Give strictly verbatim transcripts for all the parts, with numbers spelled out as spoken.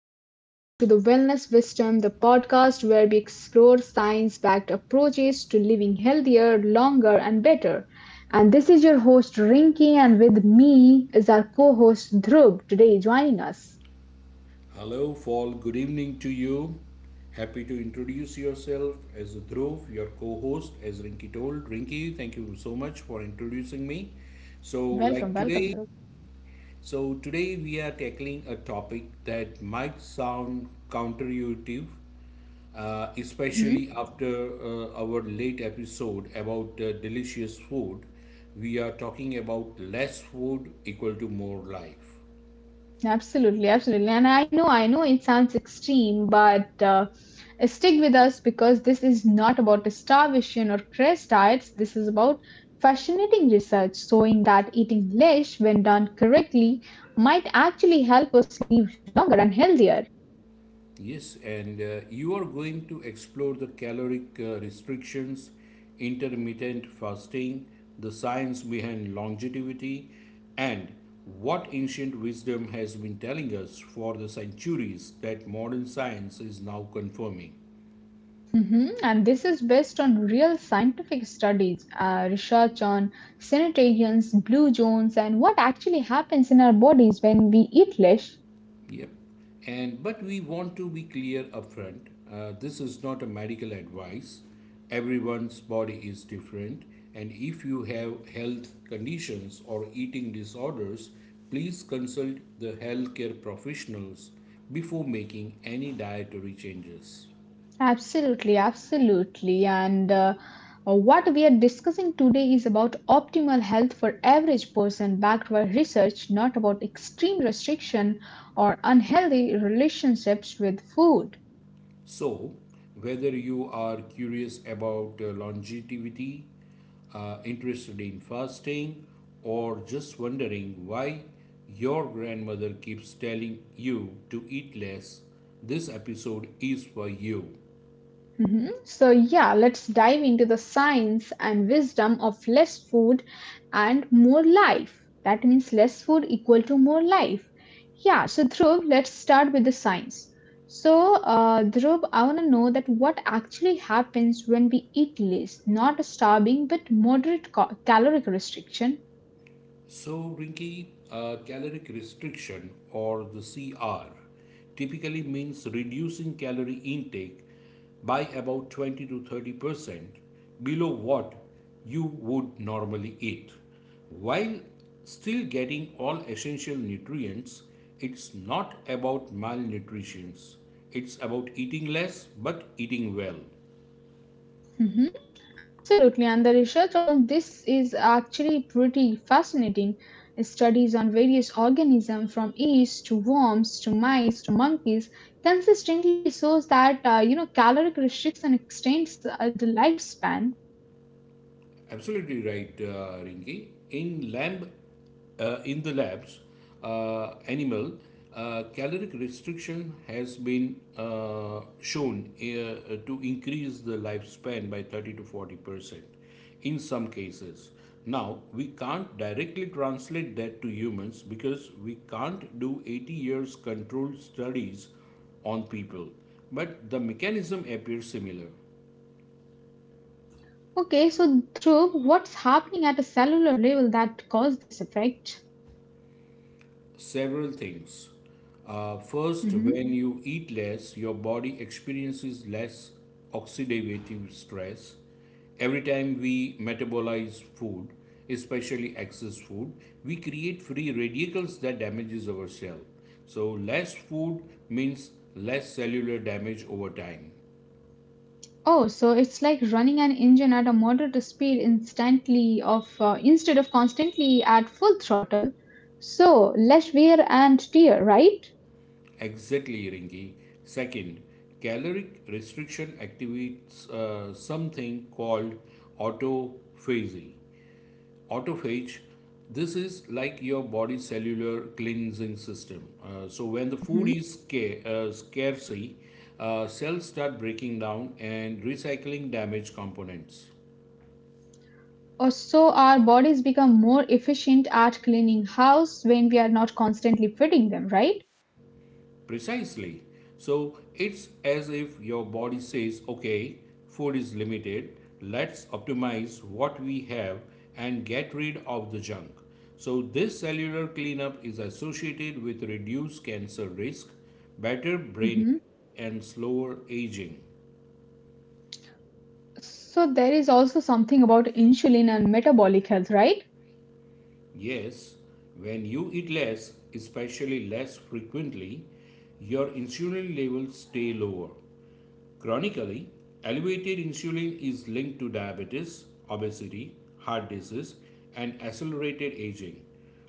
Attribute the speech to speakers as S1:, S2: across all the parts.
S1: and welcome back to the Wellness Wisdom, the podcast where we explore science backed approaches to living healthier, longer, and better. And this is your host, Rinki, and with me is our co host, Dhruv, today joining us.
S2: Hello, Fall. Good evening to you. Happy to introduce yourself as Dhruv, your co host, as Rinky told. Rinky, thank you so much for introducing me. So, like
S1: Welcome,
S2: today,
S1: welcome, Dhruv.
S2: so today we are tackling a topic that might sound counterintuitive, uh, especially after uh, our late episode about uh, delicious food. We are talking about less food equal to more life.
S1: Absolutely, absolutely. And I know, I know it sounds extreme, but uh, stick with us because this is not about starvation or crash diets. This is about fascinating research showing that eating less, when done correctly, might actually help us live longer and healthier.
S2: Yes, and uh, you are going to explore the caloric uh, restrictions, intermittent fasting, the science behind longevity, and what ancient wisdom has been telling us for the centuries that modern science is now confirming.
S1: Mhm. And this is based on real scientific studies, uh, research on sanitarians, blue zones, and what actually happens in our bodies when we eat less.
S2: Yep. And but we want to be clear upfront. Uh, this is not a medical advice. Everyone's body is different, and if you have health conditions or eating disorders, please consult the healthcare professionals before making any dietary changes.
S1: Absolutely, absolutely. And uh, uh, what we are discussing today is about optimal health for average person backed by research, not about extreme restriction or unhealthy relationships with food.
S2: So, whether you are curious about uh, longevity, uh, interested in fasting, or just wondering why your grandmother keeps telling you to eat less, this episode is for you.
S1: Mhm. So, yeah, let's dive into the science and wisdom of less food and more life. That means less food equal to more life. Yeah, so Dhruv, let's start with the science. So, uh, Dhruv, I want to know that what actually happens when we eat less, not starving, but moderate ca- caloric restriction.
S2: So, Rinki, uh, caloric restriction or the C R typically means reducing calorie intake by about twenty to thirty percent below what you would normally eat. While still getting all essential nutrients, it's not about malnutrition, it's about eating less but eating well.
S1: Mhm. Absolutely, and the research on this is actually pretty fascinating. Studies on various organisms from yeast to worms to mice to monkeys consistently shows that uh, you know caloric restriction extends uh, the lifespan.
S2: Absolutely right, uh, Rinki. In lamb, uh, in the labs, uh, animal uh, caloric restriction has been uh, shown uh, to increase the lifespan by thirty to forty percent in some cases. Now we can't directly translate that to humans because we can't do eighty years controlled studies on people, but the mechanism appears similar.
S1: Okay, so through what's happening at a cellular level that caused this effect?
S2: Several things. Uh, first,
S1: Mm-hmm.
S2: when you eat less, your body experiences less oxidative stress. Every time we metabolize food, especially excess food, we create free radicals that damages our cell. So less food means less cellular damage over time.
S1: Oh, so it's like running an engine at a moderate speed instantly of uh, instead of constantly at full throttle. So less wear and tear, right?
S2: Exactly, Rinki. Second, caloric restriction activates uh, something called autophagy. Autophage, this is like your body's cellular cleansing system. Uh, so when the food
S1: Hmm.
S2: is sca- uh, scarcity, uh, cells start breaking down and recycling damaged components.
S1: Or so our bodies become more efficient at cleaning house when we are not constantly feeding them, right?
S2: Precisely. So it's as if your body says, okay, food is limited, let's optimize what we have and get rid of the junk. So this cellular cleanup is associated with reduced cancer risk, better brain,
S1: Hmm.
S2: and slower aging.
S1: So there is also something about insulin and metabolic health, right?
S2: Yes, when you eat less, especially less frequently, your insulin levels stay lower. Chronically, elevated insulin is linked to diabetes, obesity, heart disease, and accelerated aging.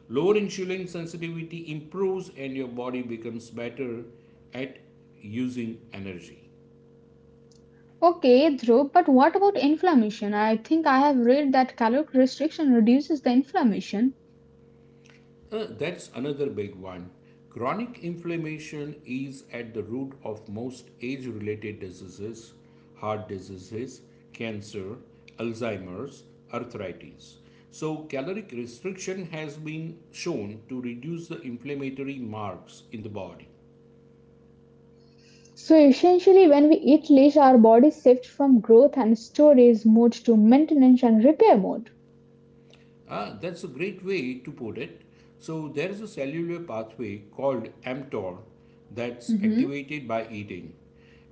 S2: Lower insulin sensitivity improves and your body becomes better at using energy.
S1: Okay, Dhruv, but what about inflammation? I think I have read that caloric restriction reduces the inflammation.
S2: Uh, that's another big one. Chronic inflammation is at the root of most age related diseases, heart diseases, cancer, Alzheimer's, arthritis. So, caloric restriction has been shown to reduce the inflammatory marks in the body.
S1: So essentially, when we eat less, our bodies shift from growth and storage mode to maintenance and repair mode.
S2: Ah, that's a great way to put it. So, there is a cellular pathway called mTOR that's
S1: Mm-hmm.
S2: activated by eating,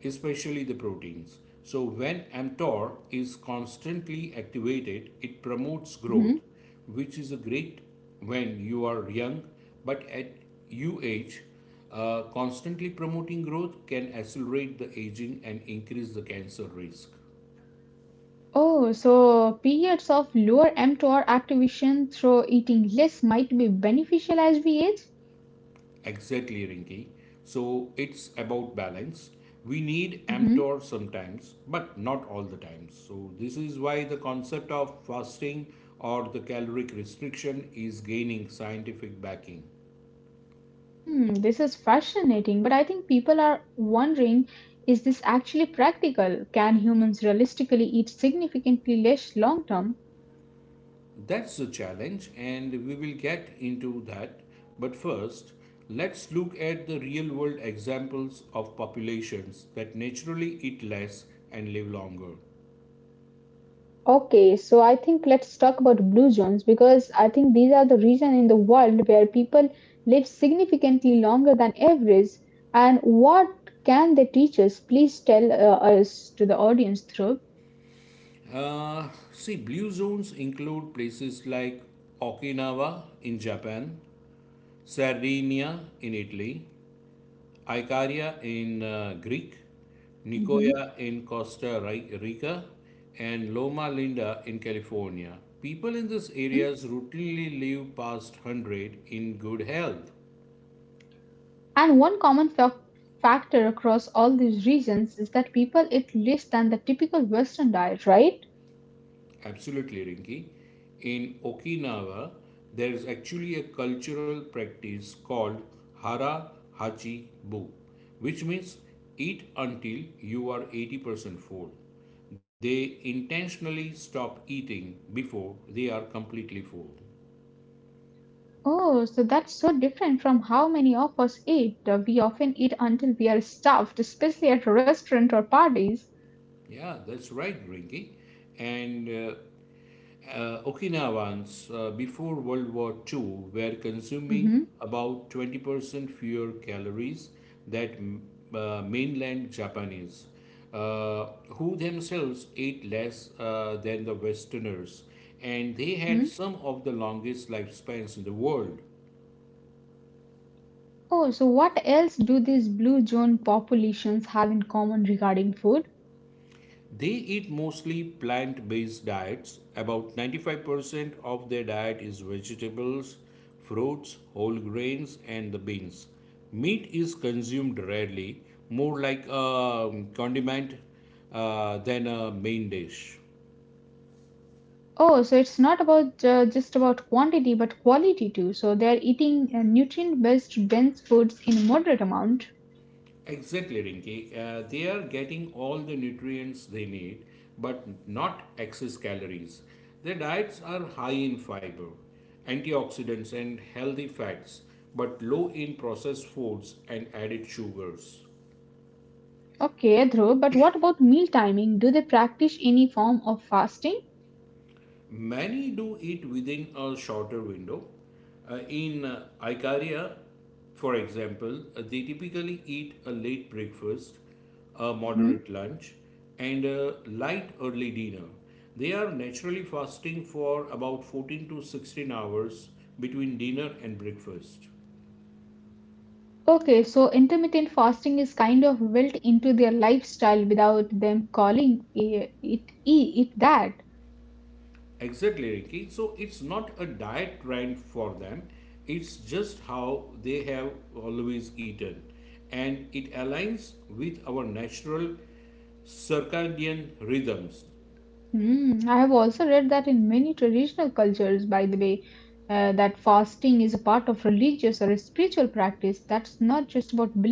S2: especially the proteins. So, when mTOR is constantly activated, it promotes growth,
S1: Mm-hmm.
S2: which is a great when you are young, but at your age, uh, constantly promoting growth can accelerate the aging and increase the cancer risk.
S1: Oh, so periods of lower mTOR activation through eating less might be beneficial as we age?
S2: Exactly, Rinky. So it's about balance. We need
S1: Mm-hmm.
S2: mTOR sometimes, but not all the times. So this is why the concept of fasting or the caloric restriction is gaining scientific backing.
S1: Hmm, this is fascinating, but I think people are wondering, is this actually practical? Can humans realistically eat significantly less long term?
S2: That's the challenge, and we will get into that. But first, let's look at the real world examples of populations that naturally eat less and live longer.
S1: Okay, so I think let's talk about blue zones because I think these are the region in the world where people live significantly longer than average. And what can they teach us? Please tell uh, us to the audience, through.
S2: Uh, see, blue zones include places like Okinawa in Japan, Sardinia in Italy, Icaria in uh, Greek,
S1: Hmm.
S2: Nicoya in Costa Ri- Rica, and Loma Linda in California. People in these
S1: Hmm.
S2: areas routinely live past a hundred in good health.
S1: And one common fac factor across all these regions is that people eat less than the typical Western diet, right?
S2: Absolutely, Rinki. In Okinawa, there is actually a cultural practice called Hara Hachi Bu, which means eat until you are eighty percent full. They intentionally stop eating before they are completely full.
S1: Oh, so that's so different from how many of us eat. Uh, We often eat until we are stuffed, especially at a restaurant or parties.
S2: Yeah, that's right, Rinki. And uh, Uh, Okinawans, uh, before World War Two, were consuming
S1: Mm-hmm.
S2: about twenty percent fewer calories than uh, mainland Japanese, uh, who themselves ate less uh, than the Westerners, and they had
S1: Mhm.
S2: some of the longest lifespans in the world.
S1: Oh, so what else do these blue zone populations have in common regarding food?
S2: They eat mostly plant based diets. About ninety-five percent of their diet is vegetables, fruits, whole grains, and the beans. Meat is consumed rarely, more like a condiment uh, than a main dish.
S1: Oh, so it's not about uh, just about quantity but quality too. So they're eating uh, nutrient-based dense foods in moderate amount.
S2: Exactly, Rinki. Uh, they are getting all the nutrients they need, but not excess calories. Their diets are high in fiber, antioxidants, and healthy fats, but low in processed foods and added sugars.
S1: Okay, Dhruv, but what about meal timing? Do they practice any form of fasting?
S2: Many do it within a shorter window. Uh, in uh, Icaria, for example, uh, they typically eat a late breakfast, a
S1: Mhm.
S2: moderate lunch, and a light early dinner. They are naturally fasting for about fourteen to sixteen hours between dinner and breakfast.
S1: Okay, so intermittent fasting is kind of built into their lifestyle without them calling it, it, i- it that.
S2: Exactly, Ricky. So it's not a diet trend for them, it's just how they have always eaten. And it aligns with our natural circadian rhythms.
S1: Mm, I have also read that in many traditional cultures, by the way, uh, that fasting is a part of religious or a spiritual practice. That's not just about belief.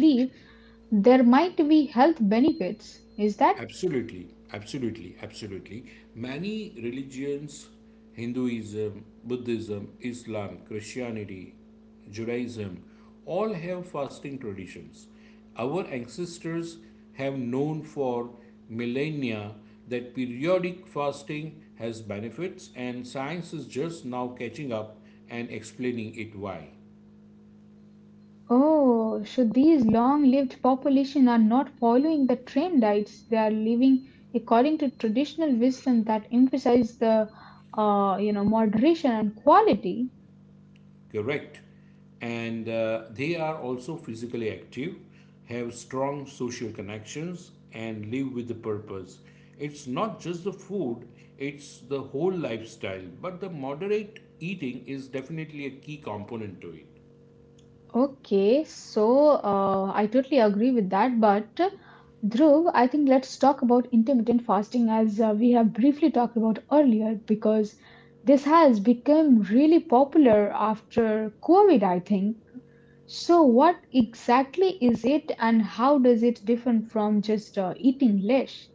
S1: There might be health benefits. Is that?
S2: Absolutely, absolutely, absolutely. Many religions, Hinduism, Buddhism, Islam, Christianity, Judaism, all have fasting traditions. Our ancestors have known for millennia that periodic fasting has benefits, and science is just now catching up and explaining it why.
S1: Oh, so these long-lived population are not following the trend diets. They are living according to traditional wisdom that emphasize the, uh, you know, moderation and quality.
S2: Correct. And uh, they are also physically active, have strong social connections, and live with the purpose. It's not just the food, it's the whole lifestyle, but the moderate eating is definitely a key component to it.
S1: Okay, so uh, I totally agree with that. But Dhruv, I think let's talk about intermittent fasting as uh, we have briefly talked about earlier, because this has become really popular after COVID, I think. So, what exactly is it, and how does it differ from just uh, eating less?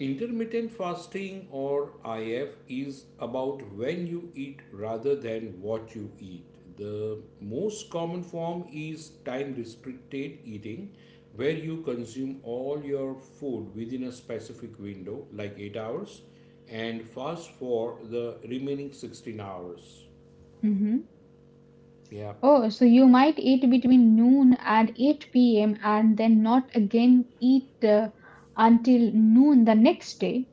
S2: Intermittent fasting or I F is about when you eat rather than what you eat. The most common form is time restricted eating, where you consume all your food within a specific window, like eight hours, and fast for the remaining sixteen hours.
S1: Hmm.
S2: Yeah.
S1: Oh, so you might eat between noon and eight p m and then not again eat uh, until noon the next day.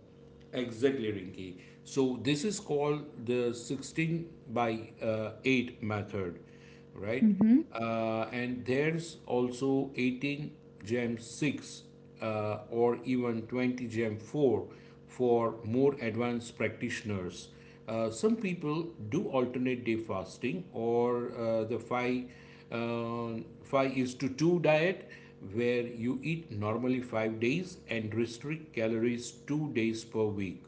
S2: Exactly, Rinki. So this is called the sixteen by uh, eight method, right?
S1: Mhm.
S2: Uh, and there's also eighteen gem six uh, or even twenty gem four for more advanced practitioners. Uh, some people do alternate day fasting or uh, the five uh, five is to two diet, where you eat normally five days and restrict calories two days per week.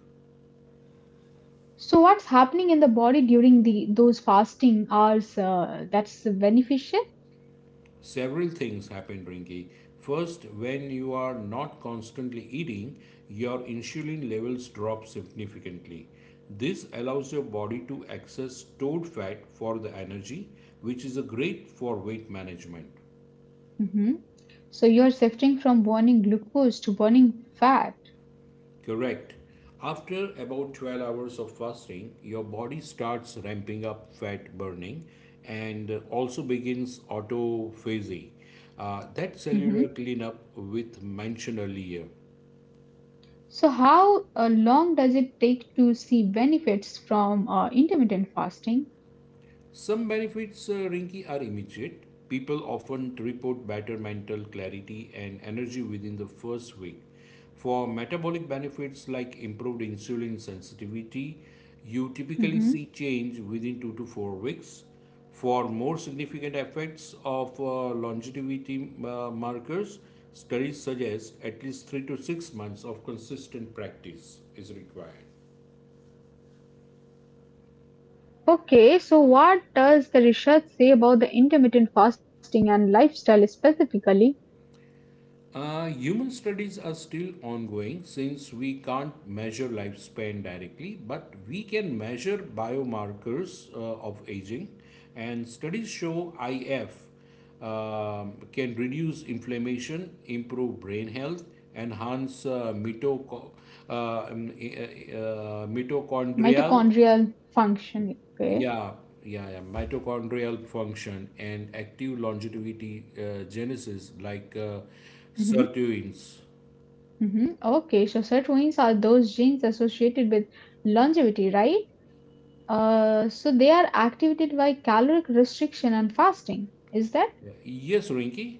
S1: So what's happening in the body during the those fasting hours uh, that's beneficial?
S2: Several things happen, Rinki. First, when you are not constantly eating, your insulin levels drop significantly. This allows your body to access stored fat for the energy, which is a great for weight management.
S1: Hmm. So you're shifting from burning glucose to burning fat.
S2: Correct. After about twelve hours of fasting, your body starts ramping up fat burning and also begins autophagy, uh, that
S1: Hmm.
S2: cellular cleanup with mentioned earlier.
S1: So how uh, long does it take to see benefits from uh, intermittent fasting?
S2: Some benefits, uh, Rinky, are immediate. People often report better mental clarity and energy within the first week. For metabolic benefits like improved insulin sensitivity, you typically
S1: Hmm.
S2: see change within two to four weeks. For more significant effects of uh, longevity uh, markers, studies suggest at least three to six months of consistent practice is required.
S1: Okay, so what does the research say about the intermittent fasting and lifestyle specifically?
S2: Uh, human studies are still ongoing since we can't measure lifespan directly, but we can measure biomarkers uh, of aging. And studies show I F um can reduce inflammation, improve brain health, enhance uh, mitoco- uh, um, e, uh, uh, mitochondrial,
S1: Mitochondrial function. Okay.
S2: yeah, yeah, yeah, mitochondrial function and active longevity uh, genesis like uh,
S1: Mm-hmm.
S2: sirtuins.
S1: Mm-hmm. Okay, so sirtuins are those genes associated with longevity, right? Uh, so they are activated by caloric restriction and fasting. Is that
S2: Yes, Rinki.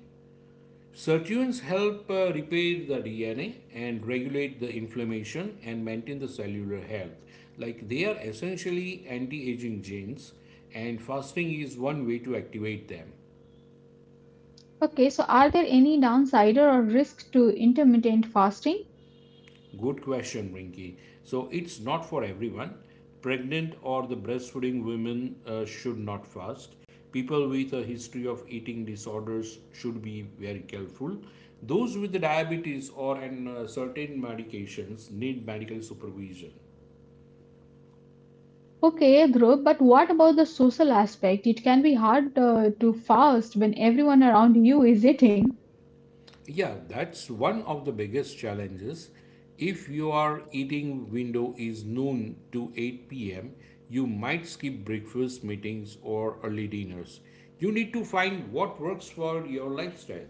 S2: Sirtuins help uh, repair the D N A and regulate the inflammation and maintain the cellular health. Like they are essentially anti aging genes, and fasting is one way to activate them.
S1: okay? So are there any downside or risk to intermittent fasting?
S2: Good question, Rinky. So it's not for everyone. Pregnant or the breastfeeding women uh, should not fast. People with a history of eating disorders should be very careful. Those with the diabetes or an, uh, certain medications need medical supervision.
S1: Okay, Dhruv, but what about the social aspect? It can be hard uh, to fast when everyone around you is eating.
S2: Yeah, that's one of the biggest challenges. If your eating window is noon to eight p m, you might skip breakfast meetings or early dinners. You need to find what works for your lifestyle.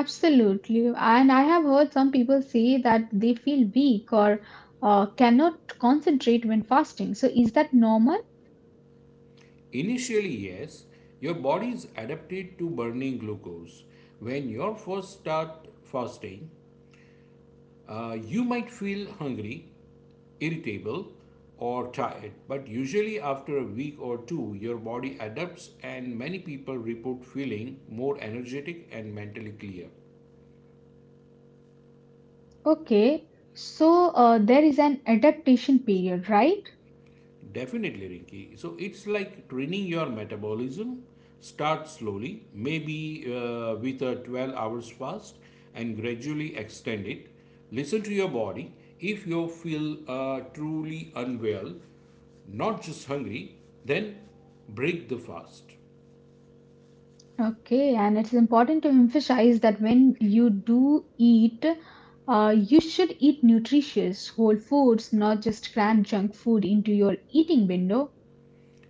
S1: Absolutely, and I have heard some people say that they feel weak or uh, cannot concentrate when fasting. So is that normal?
S2: Initially, yes, your body is adapted to burning glucose. When you first start fasting, uh, you might feel hungry, irritable, or tired, but usually after a week or two, your body adapts, and many people report feeling more energetic and mentally clear.
S1: Okay, so uh, there is an adaptation period, right?
S2: Definitely, Rinki. So it's like training your metabolism. Start slowly, maybe uh, with a twelve hours fast, and gradually extend it. Listen to your body. If you feel uh, truly unwell, not just hungry, then break the fast.
S1: Okay, and it's important to emphasize that when you do eat, uh, you should eat nutritious whole foods, not just cram junk food into your eating window.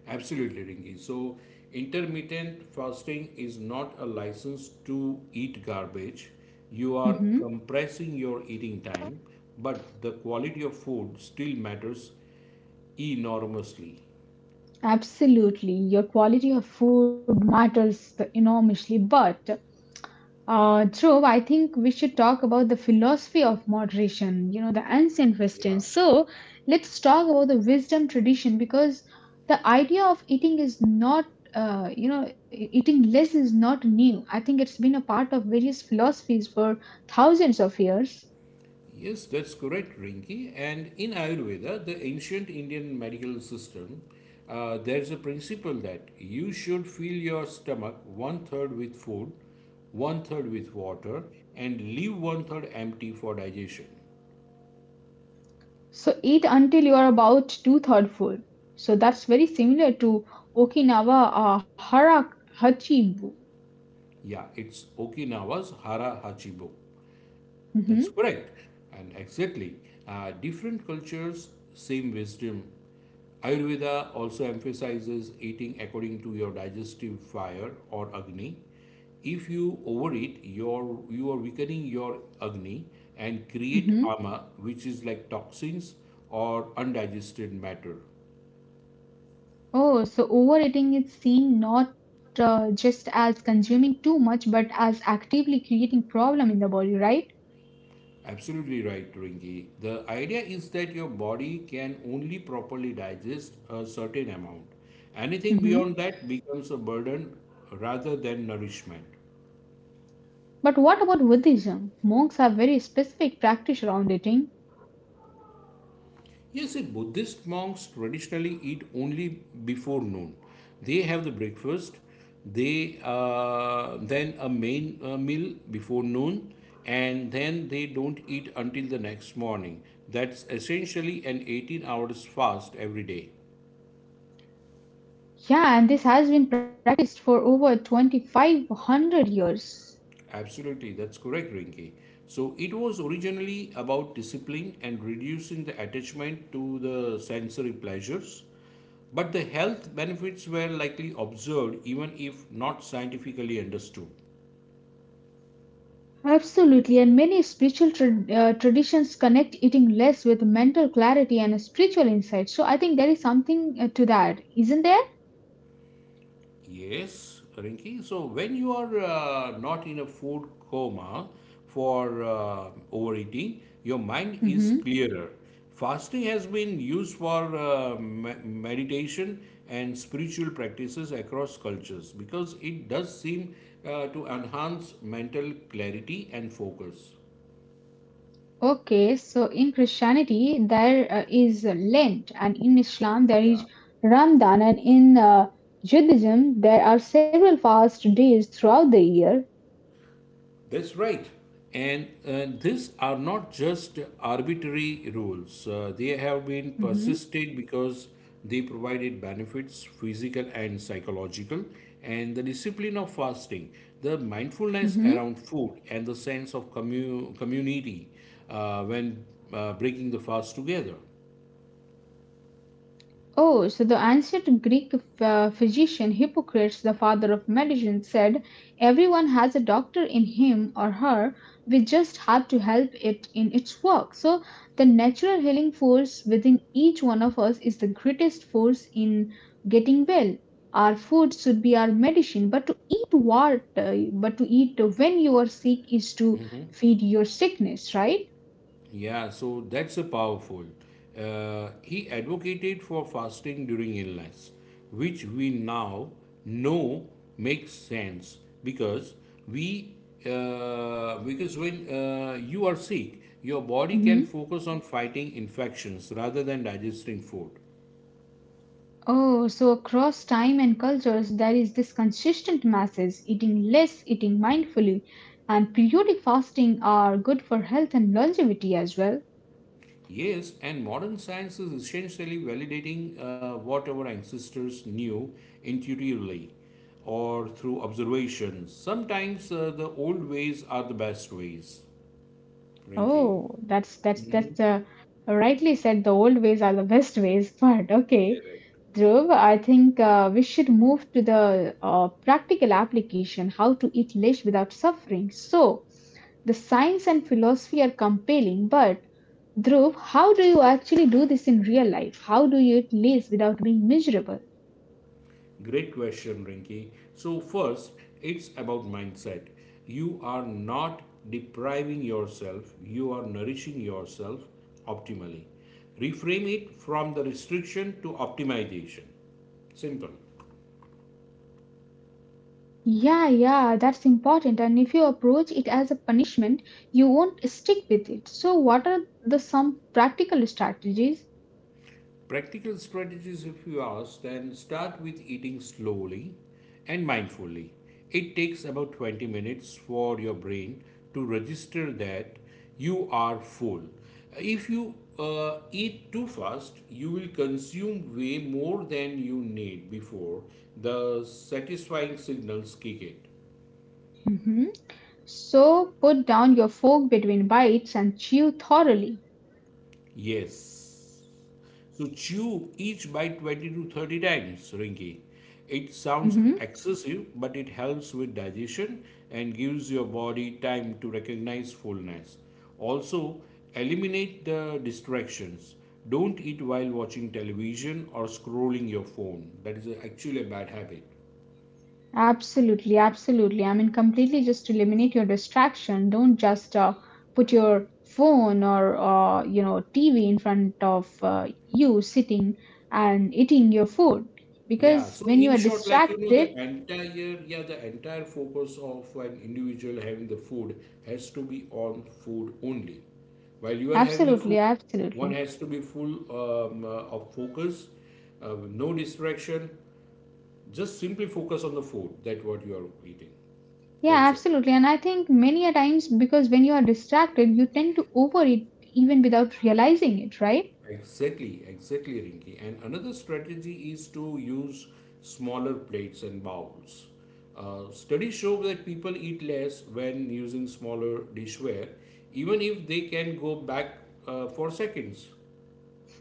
S2: Absolutely, Rinki. So, intermittent fasting is not a license to eat garbage. You are
S1: Mhm.
S2: compressing your eating time, but the quality of food still matters enormously.
S1: Absolutely, your quality of food matters enormously, but Uh, Dhruv, I think we should talk about the philosophy of moderation, you know, the ancient wisdom.
S2: Yeah.
S1: So let's talk about the wisdom tradition because the idea of eating is not, uh, you know, e- eating less is not new. I think it's been a part of various philosophies for thousands of years.
S2: Yes, that's correct, Rinki. And in Ayurveda, the ancient Indian medical system, uh, there's a principle that you should fill your stomach one third with food, one third with water, and leave one third empty for digestion.
S1: So eat until you are about two-third full. So that's very similar to Okinawa uh, Hara Hachibu.
S2: Yeah, it's Okinawa's Hara Hachibo. That's
S1: Mm-hmm,
S2: correct. And exactly, uh, different cultures, same wisdom. Ayurveda also emphasizes eating according to your digestive fire or Agni. If you overeat, you're, you are weakening your Agni and create
S1: mm-hmm.
S2: ama, which is like toxins or undigested matter.
S1: Oh, so overeating is seen not uh, just as consuming too much, but as actively creating problem in the body, right?
S2: Absolutely right, Rinki. The idea is that your body can only properly digest a certain amount. Anything
S1: Hmm.
S2: beyond that becomes a burden rather than nourishment.
S1: But what about Buddhism? Monks have very specific practice around eating.
S2: Yes, the Buddhist monks traditionally eat only before noon. They have the breakfast, they uh, then a main uh, meal before noon, and then they don't eat until the next morning. That's essentially an eighteen hours fast every day.
S1: Yeah, and this has been practiced for over twenty-five hundred years.
S2: Absolutely, that's correct, Rinki. So it was originally about discipline and reducing the attachment to the sensory pleasures, but the health benefits were likely observed even if not scientifically understood.
S1: Absolutely, and many spiritual tra- uh, traditions connect eating less with mental clarity and spiritual insight. So I think there is something uh, to that, isn't there?
S2: Yes, Rinki. So when you are uh, not in a food coma for uh, overeating, your mind is
S1: Mhm.
S2: clearer. Fasting has been used for uh, me- meditation and spiritual practices across cultures because it does seem uh, to enhance mental clarity and focus.
S1: Okay, so in Christianity there uh, is Lent, and in Islam there
S2: Yeah.
S1: is Ramadan, and in uh, Judaism there are several fast days throughout the year.
S2: That's right. And uh, these are not just arbitrary rules. Uh, they have been
S1: Mm-hmm.
S2: persisted because they provided benefits, physical and psychological, and the discipline of fasting, the mindfulness
S1: Mm-hmm.
S2: around food, and the sense of commu- community uh, when uh, breaking the fast together.
S1: Oh, so the ancient Greek uh, physician Hippocrates, the father of medicine, said, "Everyone has a doctor in him or her. We just have to help it in its work. So, the natural healing force within each one of us is the greatest force in getting well. Our food should be our medicine, but to eat what, uh, but to eat when you are sick is to feed your sickness," right?
S2: Yeah, so that's a powerful. Uh, he advocated for fasting during illness, which we now know makes sense because we uh, because when uh, you are sick, your body can
S1: Mhm.
S2: focus on fighting infections rather than digesting food.
S1: Oh, so across time and cultures, there is this consistent message, eating less, eating mindfully, and periodic fasting are good for health and longevity as well.
S2: Yes, and modern science is essentially validating uh, what our ancestors knew intuitively or through observations. Sometimes uh, the old ways are the best ways. Rinky,
S1: Oh, that's that's that's uh, rightly said. The old ways are the best ways, but okay, Dhruv, I think uh, we should move to the uh, practical application, how to eat less without suffering. So, the science and philosophy are compelling, but Dhruv, how do you actually do this in real life? How do you eat less without being miserable?
S2: great question, Rinky. So, first, it's about mindset. You are not depriving yourself, you are nourishing yourself optimally. Reframe it from the restriction to optimization. Simple.
S1: Yeah, yeah, that's important. And if you approach it as a punishment, you won't stick with it. So, what are the some practical strategies?
S2: Practical strategies, if you ask, then start with eating slowly and mindfully. It takes about twenty minutes for your brain to register that you are full. If you uh, eat too fast, you will consume way more than you need before the satisfying signals kick in.
S1: Hmm. So, put down your fork between bites and chew thoroughly.
S2: Yes. So chew each bite twenty to thirty times, Rinki. It sounds
S1: Hmm.
S2: excessive, but it helps with digestion and gives your body time to recognize fullness. Also, eliminate the distractions. Don't eat while watching television or scrolling your phone. That is actually a bad habit.
S1: Absolutely, absolutely. I mean, completely just eliminate your distraction. Don't just uh, put your phone or uh, you know T V in front of uh, you sitting and eating your food
S2: Yeah,
S1: because
S2: so
S1: when you
S2: in
S1: are
S2: short, like you know, the
S1: distracted,
S2: entire yeah, the entire focus of an individual having the food has to be on food only. While you are having a
S1: absolutely,
S2: food, one
S1: absolutely.
S2: has to be full um, uh, of focus, uh, no distraction. Just simply focus on the food that what you are eating.
S1: Yeah,
S2: That's
S1: absolutely. And I think many a times because when you are distracted, you tend to overeat even without realizing it, right?
S2: Exactly, exactly, Rinki. And another strategy is to use smaller plates and bowls. Uh, studies show that people eat less when using smaller dishware, even if they can go back uh, for seconds.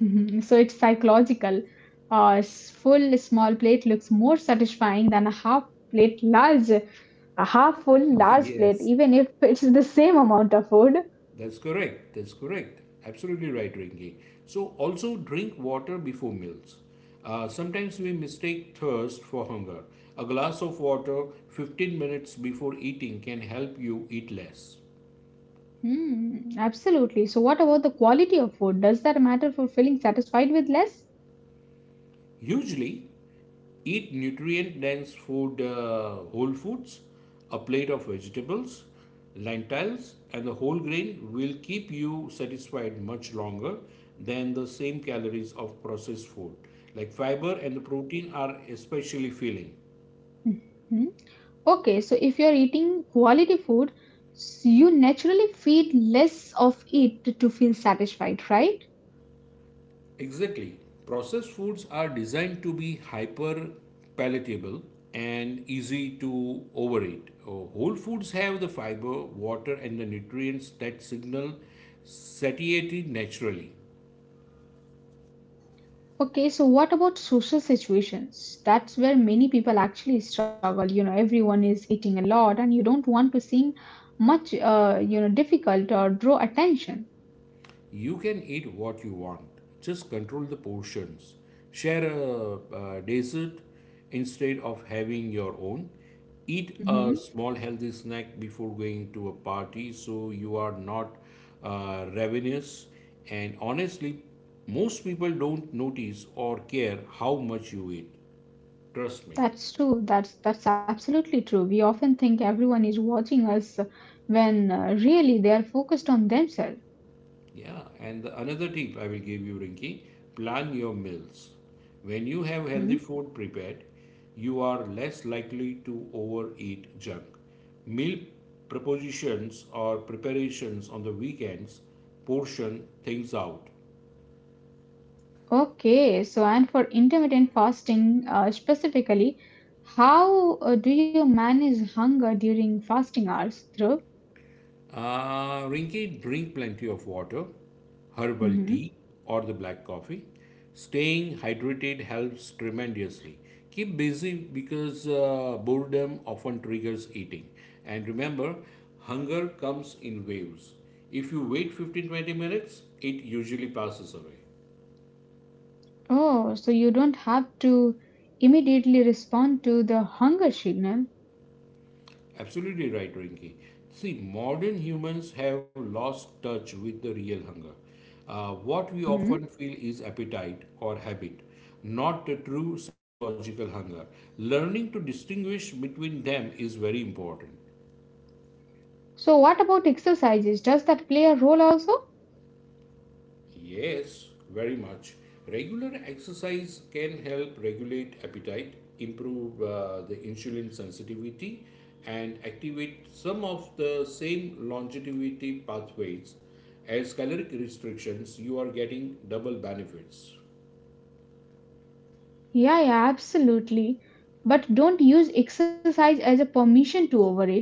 S1: So it's psychological. A s- full small plate looks more satisfying than a half plate large, a half full large plate,
S2: Yes,
S1: even if it's the same amount of food.
S2: that's correct. That's correct. Absolutely right, Rinki. So, also drink water before meals. Uh, sometimes we mistake thirst for hunger. A glass of water fifteen minutes before eating can help you eat less.
S1: Hmm, absolutely. So, what about the quality of food? Does that matter for feeling satisfied with less?
S2: Usually, eat nutrient dense food, uh, whole foods, a plate of vegetables, lentils, and the whole grain will keep you satisfied much longer than the same calories of processed food. Like fiber and the protein are especially filling.
S1: Mhm. Okay, so if you're eating quality food, s- you naturally feed less of it to feel satisfied, right?
S2: Exactly. Processed foods are designed to be hyper palatable and easy to overeat. Uh, Whole foods have the fiber, water, and the nutrients that signal satiety naturally.
S1: Okay, so what about social situations? That's where many people actually struggle. You know, everyone is eating a lot, and you don't want to seem much, uh, you know, difficult or draw attention.
S2: You can eat what you want, just control the portions. Share a, uh dessert instead of having your own. Eat a
S1: Hmm.
S2: small healthy snack before going to a party so you are not uh, ravenous. And honestly, most people don't notice or care how much you eat. Trust me.
S1: That's true. That's that's absolutely true. We often think everyone is watching us when uh, really they are focused on themselves.
S2: Yeah, and the- another tip I will give you, Rinki, plan your meals. When you have healthy
S1: Hmm.
S2: food prepared, you are less likely to overeat junk. Meal propositions or preparations on the weekends portion things out.
S1: Okay, so and for intermittent fasting uh, specifically, how uh, do you manage hunger during fasting hours, Dhruv?
S2: Uh, Rinki, drink plenty of water, herbal
S1: Hmm.
S2: tea, or the black coffee. Staying hydrated helps tremendously. Keep busy because uh, boredom often triggers eating. And remember, hunger comes in waves. If you wait fifteen to twenty minutes, it usually passes away.
S1: Oh, so you don't have to immediately respond to the hunger signal.
S2: Absolutely right, Rinki. See, modern humans have lost touch with the real hunger. Uh, what we
S1: Hmm.
S2: often feel is appetite or habit, not the true psychological hunger. Learning to distinguish between them is very important.
S1: So what about exercises? Does that play a role also?
S2: Yes, very much. Regular exercise can help regulate appetite, improve uh, the insulin sensitivity, and activate some of the same longevity pathways as caloric restrictions. You are getting double benefits.
S1: Yeah, yeah, absolutely. But don't use exercise as a permission to overeat.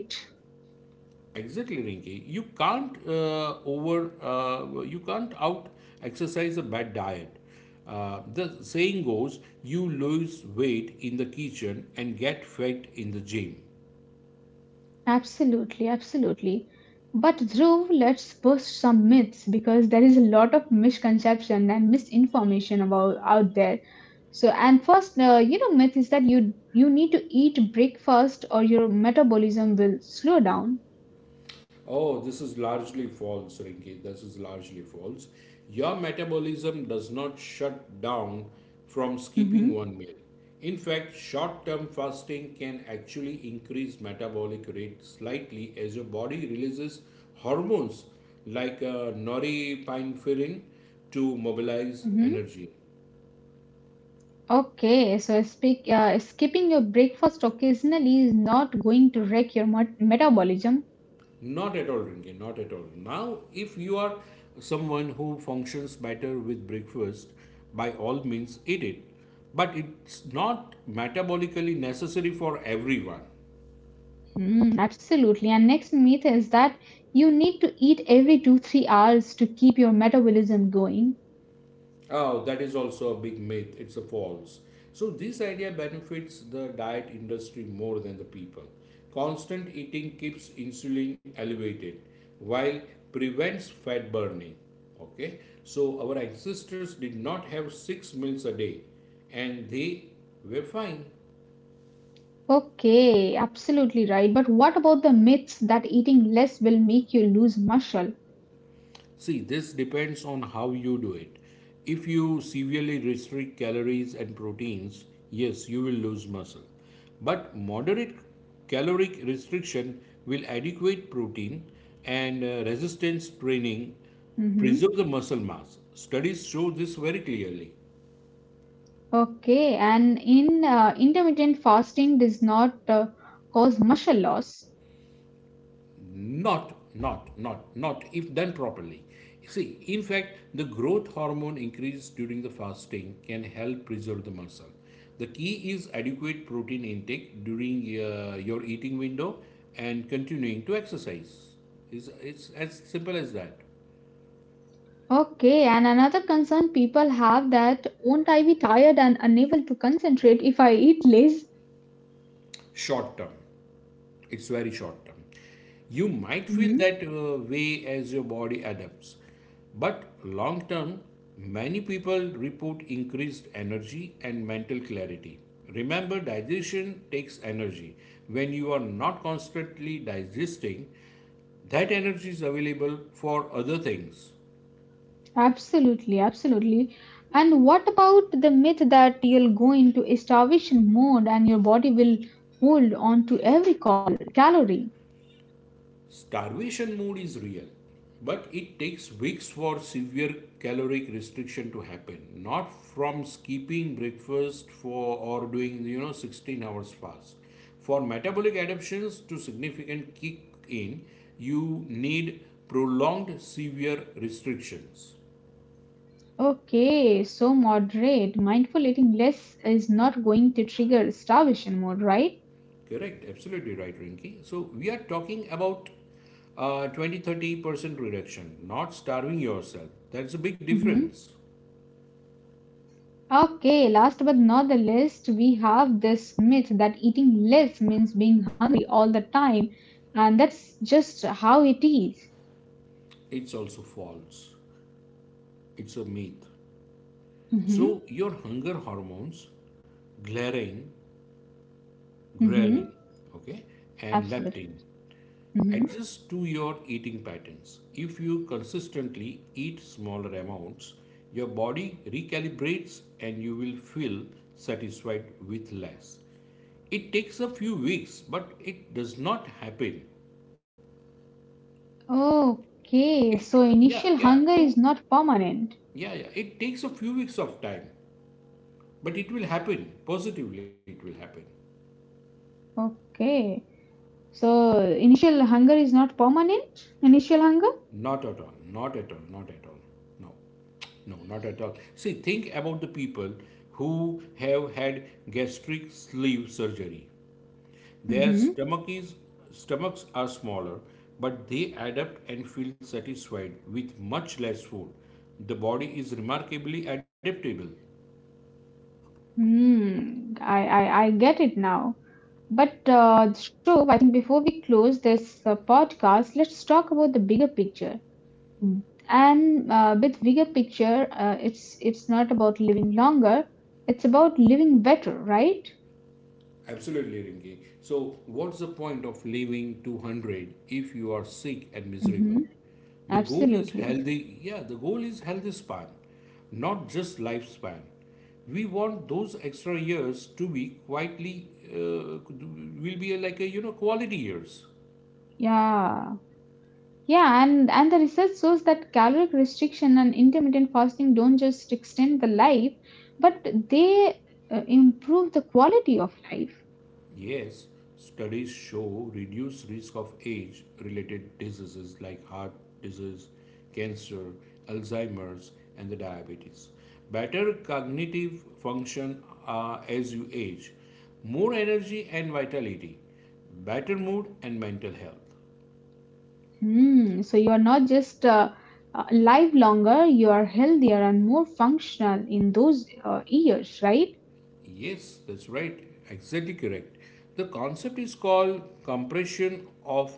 S2: Exactly, Rinki. You can't uh, over, uh, you can't out exercise a bad diet. Uh, the saying goes, you lose weight in the kitchen and get fat in the gym.
S1: Absolutely, absolutely. But Dhruv, let's bust some myths because there is a lot of misconception and misinformation about out there. So, and first, uh, you know, myth is that you you need to eat breakfast or your metabolism will slow down.
S2: Oh, this is largely false, Rinki. This is largely false. Your metabolism does not shut down from
S1: Mm-hmm.
S2: skipping one meal. In fact, short term fasting can actually increase metabolic rate slightly as your body releases hormones like uh, norepinephrine to mobilize
S1: Mm-hmm.
S2: energy.
S1: Okay, so speak, uh, skipping your breakfast occasionally is not going to wreck your met- metabolism.
S2: Not at all, Rinki, not at all. Now, if you are someone who functions better with breakfast, by all means eat it. But it's not metabolically necessary for everyone.
S1: Mm, absolutely. And next myth is that you need to eat every two, three hours to keep your metabolism going.
S2: Oh, that is also a big myth. It's a false. So this idea benefits the diet industry more than the people. Constant eating keeps insulin elevated while prevents fat burning. Okay? So our ancestors did not have six meals a day and they were fine.
S1: Okay, absolutely right. But what about the myths that eating less will make you lose muscle?
S2: See, this depends on how you do it. If you severely restrict calories and proteins, yes, you will lose muscle. But moderate caloric restriction will adequate protein and uh, resistance training
S1: Hmm.
S2: preserve the muscle mass. Studies show this very clearly.
S1: Okay, and in uh, intermittent fasting does not uh, cause muscle loss.
S2: Not, not, not, not if done properly. See, in fact, the growth hormone increase during the fasting can help preserve the muscle. The key is adequate protein intake during uh, your eating window and continuing to exercise. It's, it's as simple as that.
S1: Okay, and another concern people have that won't I be tired and unable to concentrate if I eat less?
S2: Short term. It's very short term you might feel
S1: Mm-hmm.
S2: that uh, way as your body adapts but long term many people report increased energy and mental clarity. Remember digestion takes energy. When you are not constantly digesting that energy is available for other things.
S1: Absolutely, absolutely. And what about the myth that you'll go into a starvation mode and your body will hold on to every cal- calorie?
S2: Starvation mode is real, but it takes weeks for severe caloric restriction to happen, not from skipping breakfast for or doing you know sixteen hours fast. For metabolic adaptations to significant kick in, you need prolonged severe restrictions.
S1: Okay, so moderate. Mindful eating less is not going to trigger starvation mode, right?
S2: Correct, absolutely right, Rinki. So we are talking about uh, twenty thirty percent reduction, not starving yourself. That's a big
S1: Hmm.
S2: difference.
S1: Okay, last but not the least, we have this myth that eating less means being hungry all the time, and that's just how it is.
S2: It's also false. It's a myth. So
S1: Mm-hmm.
S2: your hunger hormones, ghrelin,
S1: Mm-hmm.
S2: ghrelin, okay, and
S1: Absolutely.
S2: leptin
S1: Mm-hmm.
S2: adjust to your eating patterns. If you consistently eat smaller amounts, your body recalibrates and you will feel satisfied with less. It takes a few weeks, but it does not happen.
S1: Okay,
S2: It
S1: so
S2: yeah,
S1: initial
S2: yeah.
S1: hunger
S2: So
S1: is not permanent.
S2: yeah, yeah. It takes a few weeks of time, but it will happen. Positively it will happen.
S1: Okay, so initial hunger is not permanent. Initial hunger.
S2: Not at all. Not at all. Not at all. No. No, not at all. See, think about the people who have had gastric sleeve surgery. Their
S1: Mm-hmm.
S2: stomach is, Stomachs are smaller, but they adapt and feel satisfied with much less food. The body is remarkably adaptable.
S1: Hmm. I, I I get it now. But uh, Shobh, I think before we close this uh, podcast, let's talk about the bigger picture. Mm. And uh, with bigger picture, uh, it's it's not about living longer. It's about living better, right?
S2: Absolutely, Rinki. So, what's the point of living two hundred if you are sick and miserable?
S1: Mm-hmm.
S2: The goal is
S1: Absolutely.
S2: healthy, yeah, the goal is healthy span, not just lifespan. We want those extra years to be quietly, uh, will be like a, you know, quality years.
S1: Yeah. Yeah, and, and the research shows that caloric restriction and intermittent fasting don't just extend the life, but they uh, improve the quality of life.
S2: Yes, studies show reduced risk of age related diseases like heart disease, cancer, Alzheimer's, and the diabetes. Better cognitive function uh, as you age, more energy and vitality, better mood and mental health.
S1: Hmm. So you are not just uh, uh, live longer, you are healthier and more functional in those uh, years, right?
S2: Yes, that's right. Exactly correct. The concept is called compression of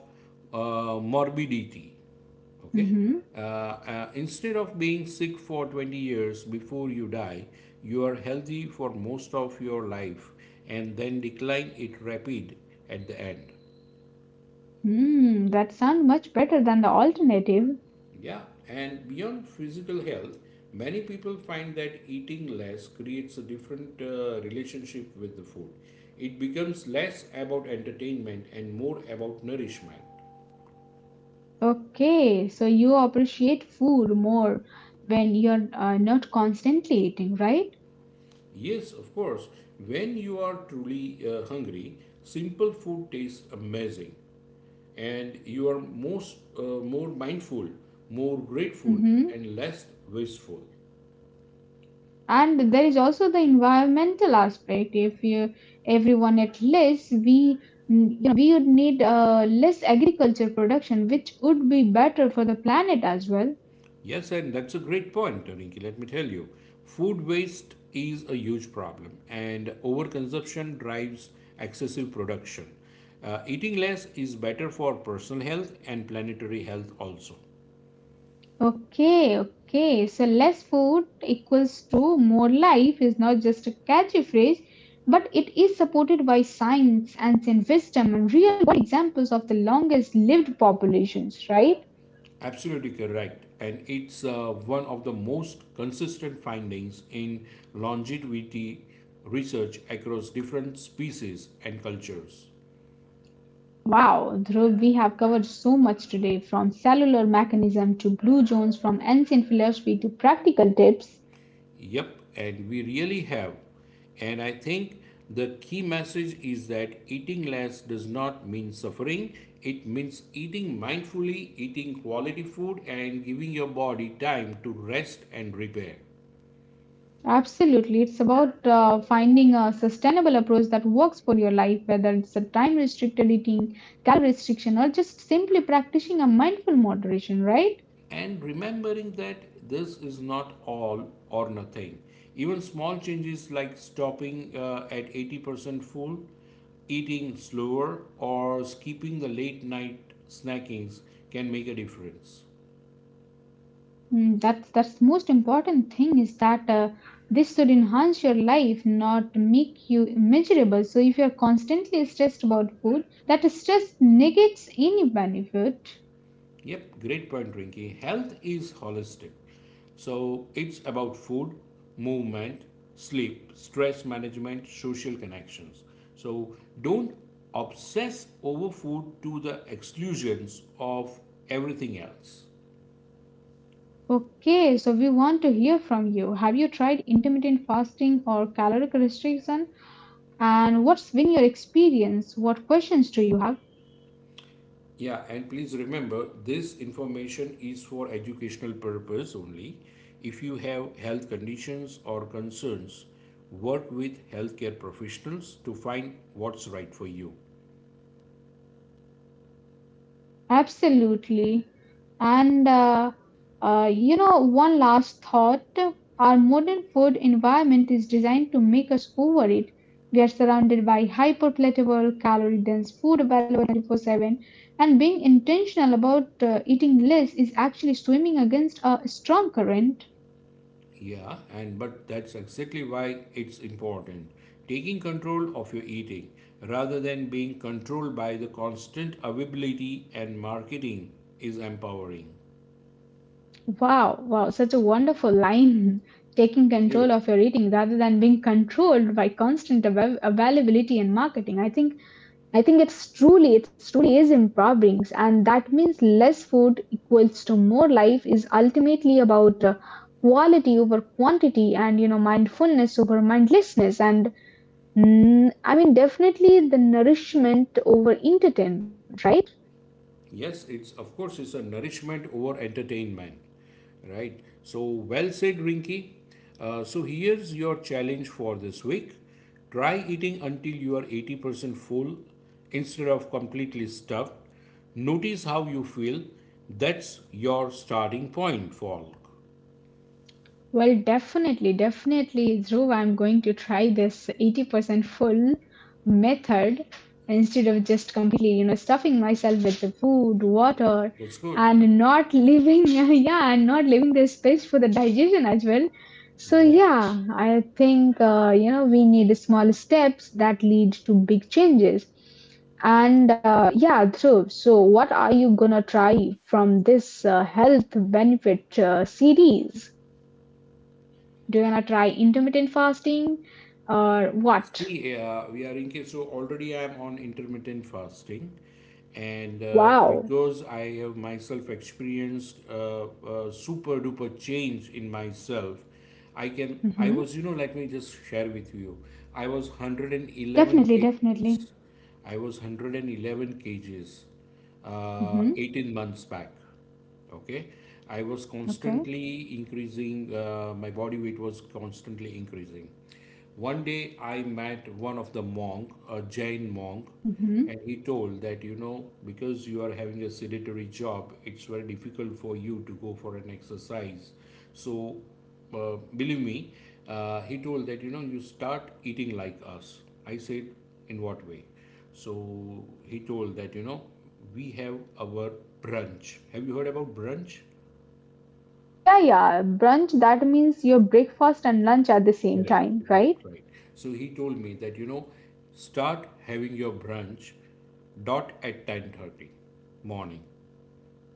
S2: uh, morbidity. Okay.
S1: Mm-hmm.
S2: Uh, uh, instead of being sick for twenty years before you die, you are healthy for most of your life and then decline it rapid at the end.
S1: Hmm. That sounds much better than the alternative.
S2: Yeah, and beyond physical health, many people find that eating less creates a different uh, relationship with the food. It becomes less about entertainment and more about nourishment.
S1: Okay, so you appreciate food more when you're uh, not constantly eating, right?
S2: Yes, of course, when you are truly uh, hungry, simple food tastes amazing and you are most uh, more mindful, more grateful
S1: Mm-hmm.
S2: and less wasteful.
S1: And there is also the environmental aspect if you, everyone at least we, you know, we would need uh, less agriculture production, which would be better for the planet as well.
S2: Yes, and that's a great point, Rinki. Let me tell you, food waste is a huge problem, and overconsumption drives excessive production. Uh, eating less is better for personal health and planetary health also.
S1: Okay, okay, so less food equals to more life is not just a catchy phrase, but it is supported by science and in wisdom and real world examples of the longest lived populations, right?
S2: Absolutely correct, and it's uh, one of the most consistent findings in longevity research across different species and cultures.
S1: Wow, Dhruv, we have covered so much today, from cellular mechanism to blue zones, from ancient philosophy to practical tips.
S2: Yep, and we really have. And I think the key message is that eating less does not mean suffering. It means eating mindfully, eating quality food, and giving your body time to rest and repair.
S1: Absolutely, it's about uh, finding a sustainable approach that works for your life, whether it's a time restricted eating, calorie restriction, or just simply practicing a mindful moderation, right?
S2: And remembering that this is not all or nothing. Even small changes like stopping uh, at eighty percent full, eating slower, or skipping the late night snackings can make a difference.
S1: Mm, that's that's most important thing is that uh, this should enhance your life, not make you miserable. So if you're constantly stressed about food, that stress negates any benefit.
S2: Yep, great point, Rinky. Health is holistic. So it's about food, movement, sleep, stress management, social connections. So don't obsess over food to the exclusions of everything else.
S1: Okay, so we want to hear from you. Have you tried intermittent fasting or caloric restriction? And what's been your experience? What questions do you have?
S2: Yeah, and please remember this information is for educational purpose only. If you have health conditions or concerns, work with healthcare professionals to find what's right for you.
S1: Absolutely. And uh, uh, you know, one last thought. Our modern food environment is designed to make us overeat. We are surrounded by hyperpalatable, calorie-dense food available twenty-four seven, and being intentional about uh, eating less is actually swimming against a strong current.
S2: Yeah, and but that's exactly why it's important. Taking control of your eating rather than being controlled by the constant availability and marketing is empowering.
S1: Wow, wow, such a wonderful line. Taking
S2: Thank you.
S1: control of your eating rather than being controlled by constant avail- availability and marketing. I think I think it's truly, it's truly is empowering, and that means less food equals to more life is ultimately about uh, quality over quantity, and you know mindfulness over mindlessness, and mm, I mean definitely the nourishment over entertainment, right?
S2: Yes, it's of course it's a nourishment over entertainment, right? So well said, Rinky. Uh, so here's your challenge for this week: try eating until you are eighty percent full instead of completely stuffed. Notice how you feel. That's your starting point, Falk.
S1: Well, definitely, definitely, Dhruv, I'm going to try this eighty percent full method instead of just completely, you know, stuffing myself with the food, water,
S2: That's good.
S1: and not leaving, yeah, and not leaving the space for the digestion as well. So,
S2: Yeah.
S1: yeah, I think, uh, you know, we need small steps that lead to big changes. And uh, yeah, true. So, what are you gonna try from this uh, health benefit uh, series? Do you wanna try intermittent fasting or what?
S2: See, uh, we are in case, so already I am on intermittent fasting, and uh,
S1: Wow.
S2: because I have myself experienced uh, uh, super duper change in myself, I can, I
S1: Mm-hmm.
S2: was, you know, let me just share with you. I was one hundred eleven
S1: Definitely, definitely.
S2: kgs. I was one hundred eleven kgs
S1: Hmm.
S2: uh, eighteen months back. Okay, I was
S1: Okay.
S2: constantly increasing. Uh, my body weight was constantly increasing. One day I met one of the monk, a Jain monk,
S1: Hmm.
S2: and he told that, you know, because you are having a sedentary job, it's very difficult for you to go for an exercise. So, uh, believe me, uh, he told that, you know, you start eating like us. I said, in what way? So he told that, you know, we have our brunch. Have you heard about brunch?
S1: Yeah, yeah. Brunch, that means your breakfast and lunch at the same
S2: Correct,
S1: time,
S2: right,
S1: right?
S2: right. So he told me that, you know, start having your brunch dot at ten thirty morning,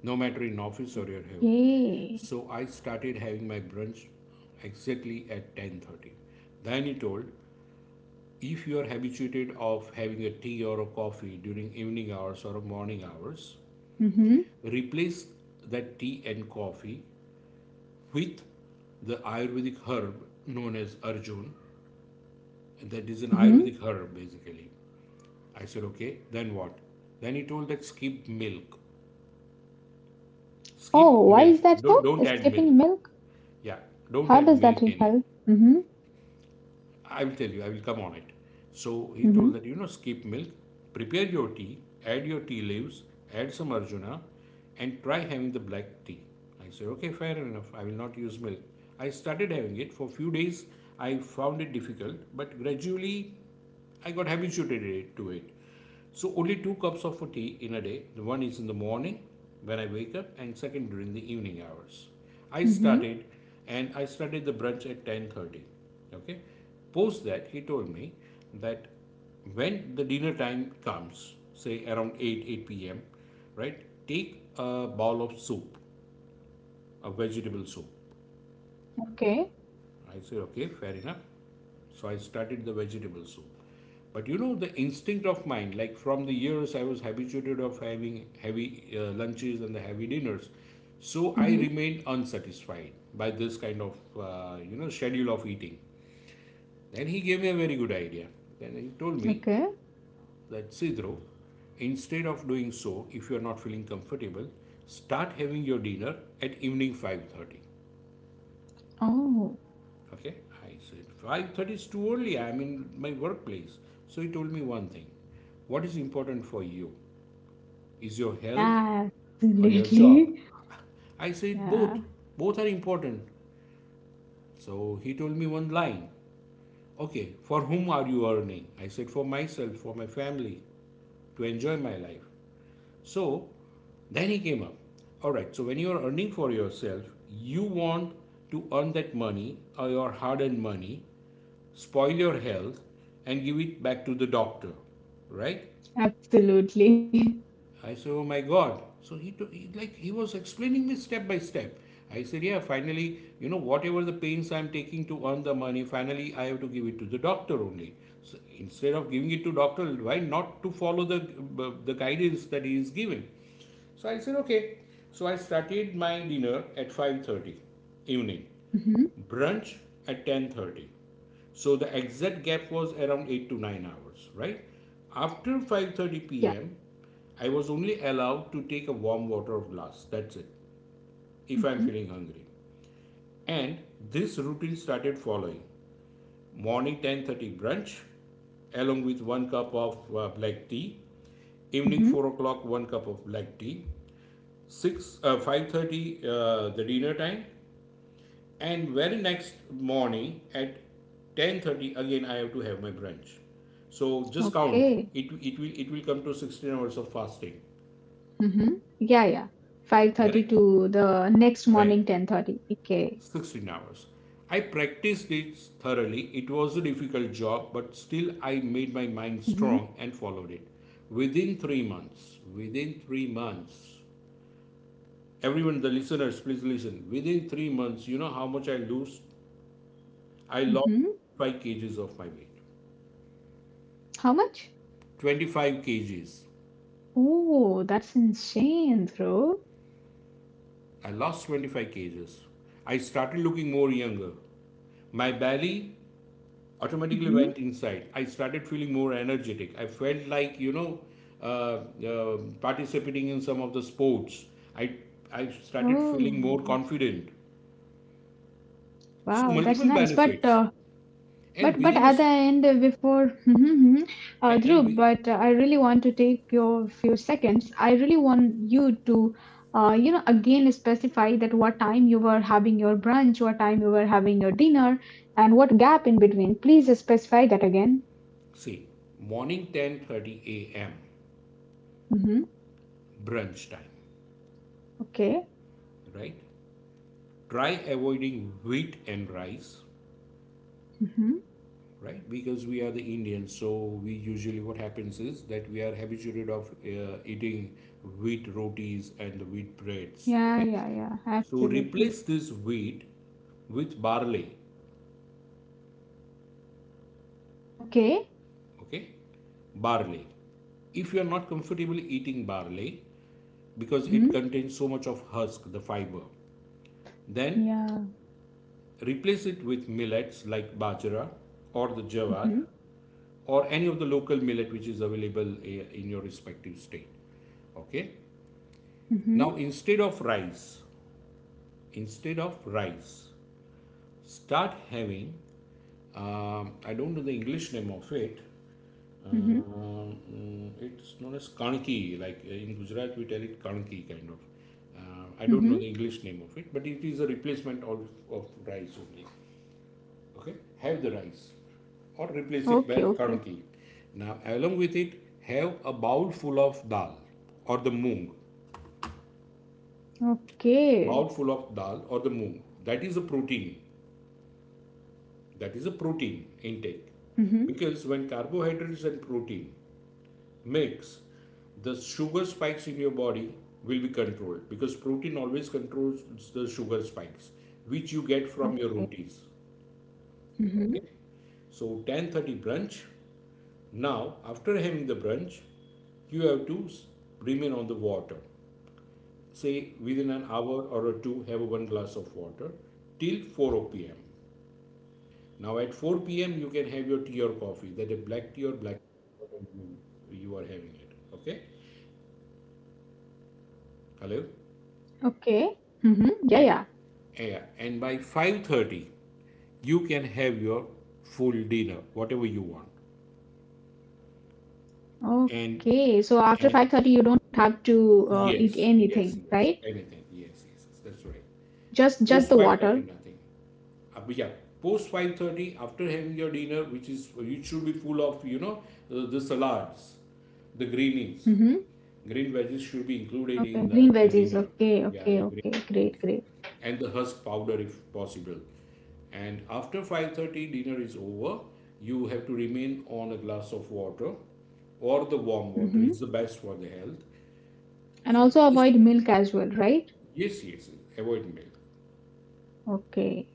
S2: no matter in office or your home.
S1: Okay.
S2: So I started having my brunch exactly at ten thirty. Then he told, if you are habituated of having a tea or a coffee during evening hours or morning hours,
S1: Hmm.
S2: replace that tea and coffee with the Ayurvedic herb known as Arjun. That is an
S1: Hmm.
S2: Ayurvedic herb basically. I said, okay, then what? Then he told that skip milk. Skip
S1: Oh, why
S2: milk.
S1: is that so?
S2: Don't don't add
S1: Skipping
S2: milk.
S1: milk?
S2: Yeah, don't
S1: How
S2: add
S1: does that
S2: milk in it.
S1: help? Hmm.
S2: I will tell you, I will come on it. So he told
S1: Hmm.
S2: that, you know, skip milk, prepare your tea, add your tea leaves, add some Arjuna, and try having the black tea. I said, okay, fair enough, I will not use milk. I started having it for a few days. I found it difficult, but gradually I got habituated to it. So only two cups of tea in a day. The one is in the morning when I wake up, and second during the evening hours. I
S1: Hmm.
S2: started, and I started the brunch at ten thirty. Okay. Post that, he told me that when the dinner time comes, say around eight eight p m, right, take a bowl of soup, a vegetable soup.
S1: Okay.
S2: I said, okay, fair enough. So I started the vegetable soup. But you know, the instinct of mine, like from the years I was habituated of having heavy uh, lunches and the heavy dinners, so I
S1: Hmm.
S2: remained unsatisfied by this kind of uh, you know schedule of eating. Then he gave me a very good idea. Then he told me
S1: Okay.
S2: that Sidro, instead of doing so, if you are not feeling comfortable, start having your dinner at evening five thirty.
S1: Oh,
S2: Okay, I said five thirty is too early. I'm in my workplace. So he told me one thing: what is important for you? Is your health
S1: yeah,
S2: or your job?
S1: absolutely.
S2: I said
S1: Yeah,
S2: both. Both are important. So he told me one line. Okay, for whom are you earning? I said for myself, for my family, to enjoy my life. So then he came up. All right, so when you are earning for yourself, you want to earn that money, or your hard earned money spoil your health and give it back to the doctor, right?
S1: absolutely.
S2: I said, oh my god. So he, to, he like he was explaining me step by step. I said yeah, finally, you know, whatever the pains I'm taking to earn the money, finally I have to give it to the doctor only. So instead of giving it to doctor, why not to follow the uh, the guidance that he is giving? So I said okay. So I started my dinner at five thirty evening,
S1: Hmm.
S2: brunch at ten thirty. So the exact gap was around eight to nine hours, right? After 5:30
S1: Yeah.
S2: p.m. I was only allowed to take a warm water glass, that's it, if I'm
S1: Hmm.
S2: feeling hungry. And this routine started following: morning ten thirty brunch along with one cup of uh, black tea, evening
S1: Hmm.
S2: four o'clock one cup of black tea, six uh, five thirty uh, the dinner time, and very next morning at ten thirty again I have to have my brunch. So just count
S1: Okay.
S2: it. It will it will come to sixteen hours of fasting.
S1: Hmm. Yeah, yeah. five thirty
S2: Correct?
S1: to the next morning
S2: Right.
S1: ten thirty. Okay.
S2: sixteen hours. I practiced it thoroughly. It was a difficult job, but still I made my mind
S1: Mhm,
S2: strong and followed it. Within three months, within three months, everyone, the listeners, please listen. Within three months, you know how much I lose? I lost
S1: mhm.
S2: five kgs of my weight.
S1: How much?
S2: twenty-five kgs.
S1: Oh, that's insane, bro.
S2: I lost twenty-five kgs. I started looking more younger. My belly automatically
S1: Mhm.
S2: went inside. I started feeling more energetic. I felt like, you know, uh, uh, participating in some of the sports. I, I started feeling more
S1: Oh,
S2: confident. So,
S1: wow, that's
S2: multiple
S1: nice. But
S2: benefits.
S1: uh, but
S2: And
S1: but
S2: within
S1: at the
S2: us,
S1: end, uh, before Mhm. Uh,
S2: and, and
S1: Dhruv,
S2: we
S1: but uh, I really want to take your few seconds. I really want you to, uh, you know, again specify that what time you were having your brunch, what time you were having your dinner, and what gap in between. Please specify that again.
S2: see morning ten thirty a m
S1: Mm-hmm.
S2: brunch time,
S1: Okay.
S2: right? Try avoiding wheat and rice,
S1: Mm-hmm.
S2: right, because we are the Indians, so we usually what happens is that we are habituated of uh, eating wheat rotis and the wheat breads.
S1: Yeah,
S2: Okay,
S1: yeah, yeah.
S2: so
S1: Absolutely.
S2: replace this wheat with barley.
S1: Okay.
S2: Okay, barley. If you are not comfortable eating barley because it
S1: Mm-hmm.
S2: contains so much of husk, the fiber, then
S1: Yeah.
S2: replace it with millets like bajra or the jawar
S1: Mhm.
S2: or any of the local millet which is available eh, in your respective state. Okay. Now
S1: Mhm.
S2: instead of rice, instead of rice, start having. um, I don't know the English name of it.
S1: Mhm.
S2: Um, mm, it's known as kanki. Like uh, in Gujarat, we tell it kanki kind of. Uh, I don't know
S1: Mhm.
S2: the English name of it, but it is a replacement of, of rice only. Okay, have the rice or replace it by
S1: Okay. Okay.
S2: kadki. Now along with it, have a bowl full of dal or the moong, bowl
S1: Okay.
S2: full of dal or the moong. That is a protein, that is a protein intake.
S1: Mhm.
S2: Because when carbohydrates and protein mix, the sugar spikes in your body will be controlled, because protein always controls the sugar spikes which you get from your
S1: Okay.
S2: rotis.
S1: Mhm.
S2: Okay, so ten thirty brunch. Now, after having the brunch, you have to remain on the water. Say within an hour or two, have one glass of water till four p.m. Now at four p.m. you can have your tea or coffee, that is black tea or black, whatever you you are having it. Okay. Hello?
S1: Okay. Mhm. Yeah.
S2: And
S1: Yeah.
S2: yeah, and by five thirty you can have your full dinner, whatever you want. and
S1: Okay. So after
S2: and
S1: five thirty, you don't have to uh, eat
S2: yes, yes,
S1: anything,
S2: yes.
S1: right?
S2: Anything. Yes, yes, yes. That's right.
S1: Just just the
S2: Post
S1: water.
S2: five thirty, nothing. Uh, but yeah, post five thirty, after having your dinner, which is, it should be full of, you know, the, the salads, the greenies.
S1: Mhm.
S2: Green veggies should be included
S1: Okay.
S2: in the,
S1: Green
S2: the
S1: veggies.
S2: dinner.
S1: Okay.
S2: Yeah, yeah,
S1: Okay.
S2: green
S1: Okay. Great.
S2: veggies.
S1: Great.
S2: And the husk powder if possible. And after five thirty, dinner is over. You have to remain on a glass of water, or the warm water
S1: Mhm.
S2: is the best for the health.
S1: And
S2: So this
S1: also avoid milk as well, right?
S2: yes, yes, yes, avoid milk,
S1: Okay.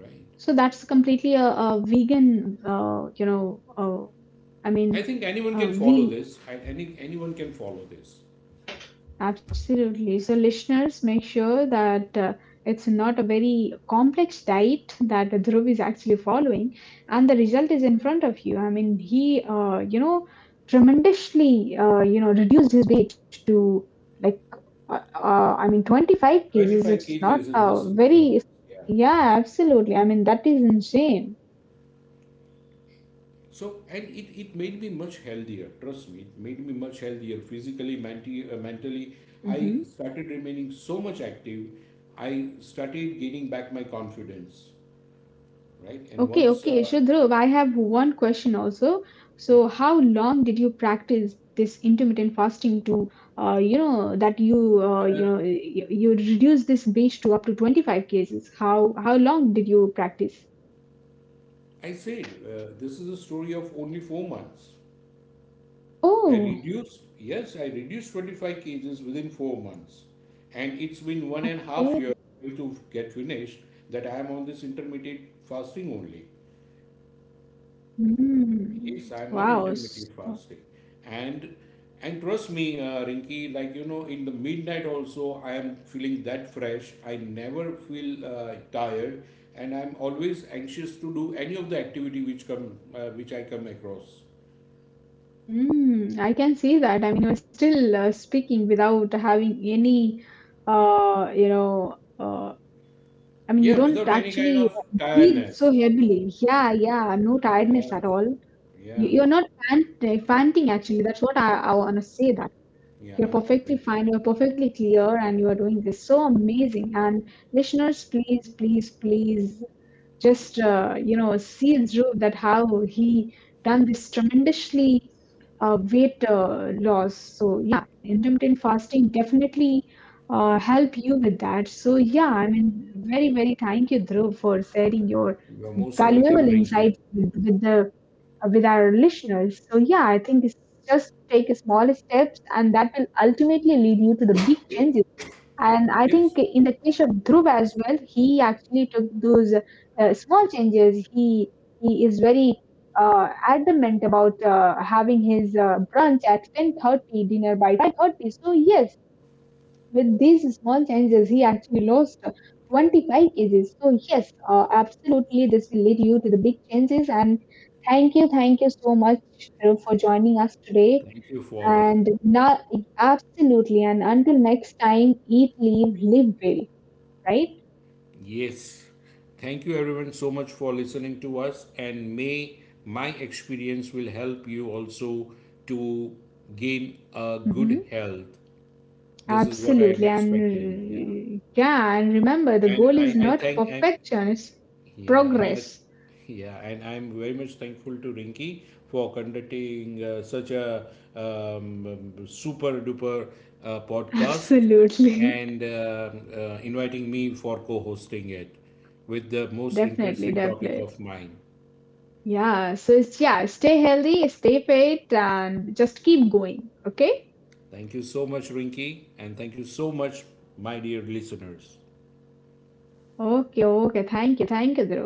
S2: right?
S1: So that's completely a, a vegan. Uh, you know. Uh, I
S2: I
S1: mean,
S2: think anyone
S1: uh,
S2: can follow
S1: ve
S2: this. I, any anyone can follow this.
S1: Absolutely. So, listeners, make sure that uh, it's not a very complex diet that Dhruv is actually following, and the result is in front of you. I mean, he, uh, you know, tremendously, uh, you know, reduced his weight to like, uh, uh, I mean, twenty-five kgs.
S2: twenty-five
S1: It's
S2: kgs
S1: not
S2: in
S1: a
S2: just in three
S1: very,
S2: months. Yeah.
S1: yeah, absolutely. I mean, that is insane.
S2: So and it, it made me much healthier. Trust me, it made me much healthier physically, menti- uh, mentally. I
S1: Hmm.
S2: started remaining so much active. I started gaining back my confidence, right? And
S1: Okay,
S2: once,
S1: okay. So,
S2: uh,
S1: Dhruv, I have one question also.
S2: yeah,
S1: So, how long did you practice this intermittent fasting uh, you know that you uh,
S2: uh,
S1: you know you, you reduce this breach to up to twenty-five cases? how how long did you practice?
S2: I said uh, this is a story of only four months. I
S1: Oh.
S2: reduced, yes, I reduced twenty-five kgs within four months. And it's been one and a half
S1: Okay.
S2: year to get finished that I am on this intermittent fasting only. Yes,
S1: Hmm.
S2: I'm on
S1: Wow.
S2: intermittent
S1: So,
S2: fasting. And and trust me, uh, Rinki, like you know, in the midnight also, I am feeling that fresh. I never feel uh, tired, and I'm always anxious to do any of the activity which come, uh, which I come across.
S1: hmm. I can see that. I mean, you're still uh, speaking without having any uh, you know uh, I mean, you
S2: Yeah,
S1: don't
S2: without any kind
S1: actually
S2: of
S1: uh, breathe
S2: tiredness.
S1: so heavily. Yeah, yeah, no
S2: Yeah,
S1: tiredness at all. You,
S2: yeah.
S1: you're not pant- uh, panting, actually. That's what i, I want to say.
S2: Yeah, I'm
S1: You're
S2: not Venki.
S1: perfectly fine, you're perfectly clear, and you are doing this so amazing. And listeners, please, please, please just, uh, you know, see Dhruv that how he done this tremendously uh, weight uh, loss. So, yeah, intermittent fasting definitely uh, help you with that. So, yeah, I mean, very, very thank you, Dhruv, for sharing your
S2: You're most welcome,
S1: valuable
S2: Rinki.
S1: insights with, with the uh, with our listeners. So, yeah, I think it's just take small steps, and that will ultimately lead you to the big changes. And I think
S2: Yes,
S1: in the case of Dhruv as well, he actually took those uh, small changes. He he is very uh, adamant about uh, having his uh, brunch at ten thirty, dinner by five thirty. So yes, with these small changes, he actually lost uh, twenty-five kgs. So, yes, uh, absolutely, this will lead you to the big changes. And thank you, thank you so much Dhruv, for joining us today.
S2: thank you for.
S1: And now, absolutely, and until next time, eat, live, live well, right?
S2: Yes, thank you everyone so much for listening to us, and may my experience will help you also to gain a good
S1: Hmm.
S2: health. This is what I am
S1: Absolutely. And
S2: expecting. Yeah,
S1: r- yeah, and remember, the
S2: and
S1: goal
S2: I
S1: is
S2: I
S1: not
S2: thank I
S1: perfection, it's
S2: yeah, and it,
S1: progress.
S2: yeah, and I'm very much thankful to Rinky for conducting uh, such a um, um, super duper uh, podcast,
S1: Absolutely.
S2: and uh, uh, inviting me for co-hosting it with the most
S1: Definitely,
S2: interesting topic
S1: definitely.
S2: of mine.
S1: Yeah, so it's yeah, stay healthy, stay fit, and just keep going. Okay?
S2: Thank you so much, Rinky, and thank you so much, my dear listeners.
S1: Okay, okay. Thank you. Thank you, Dhruv.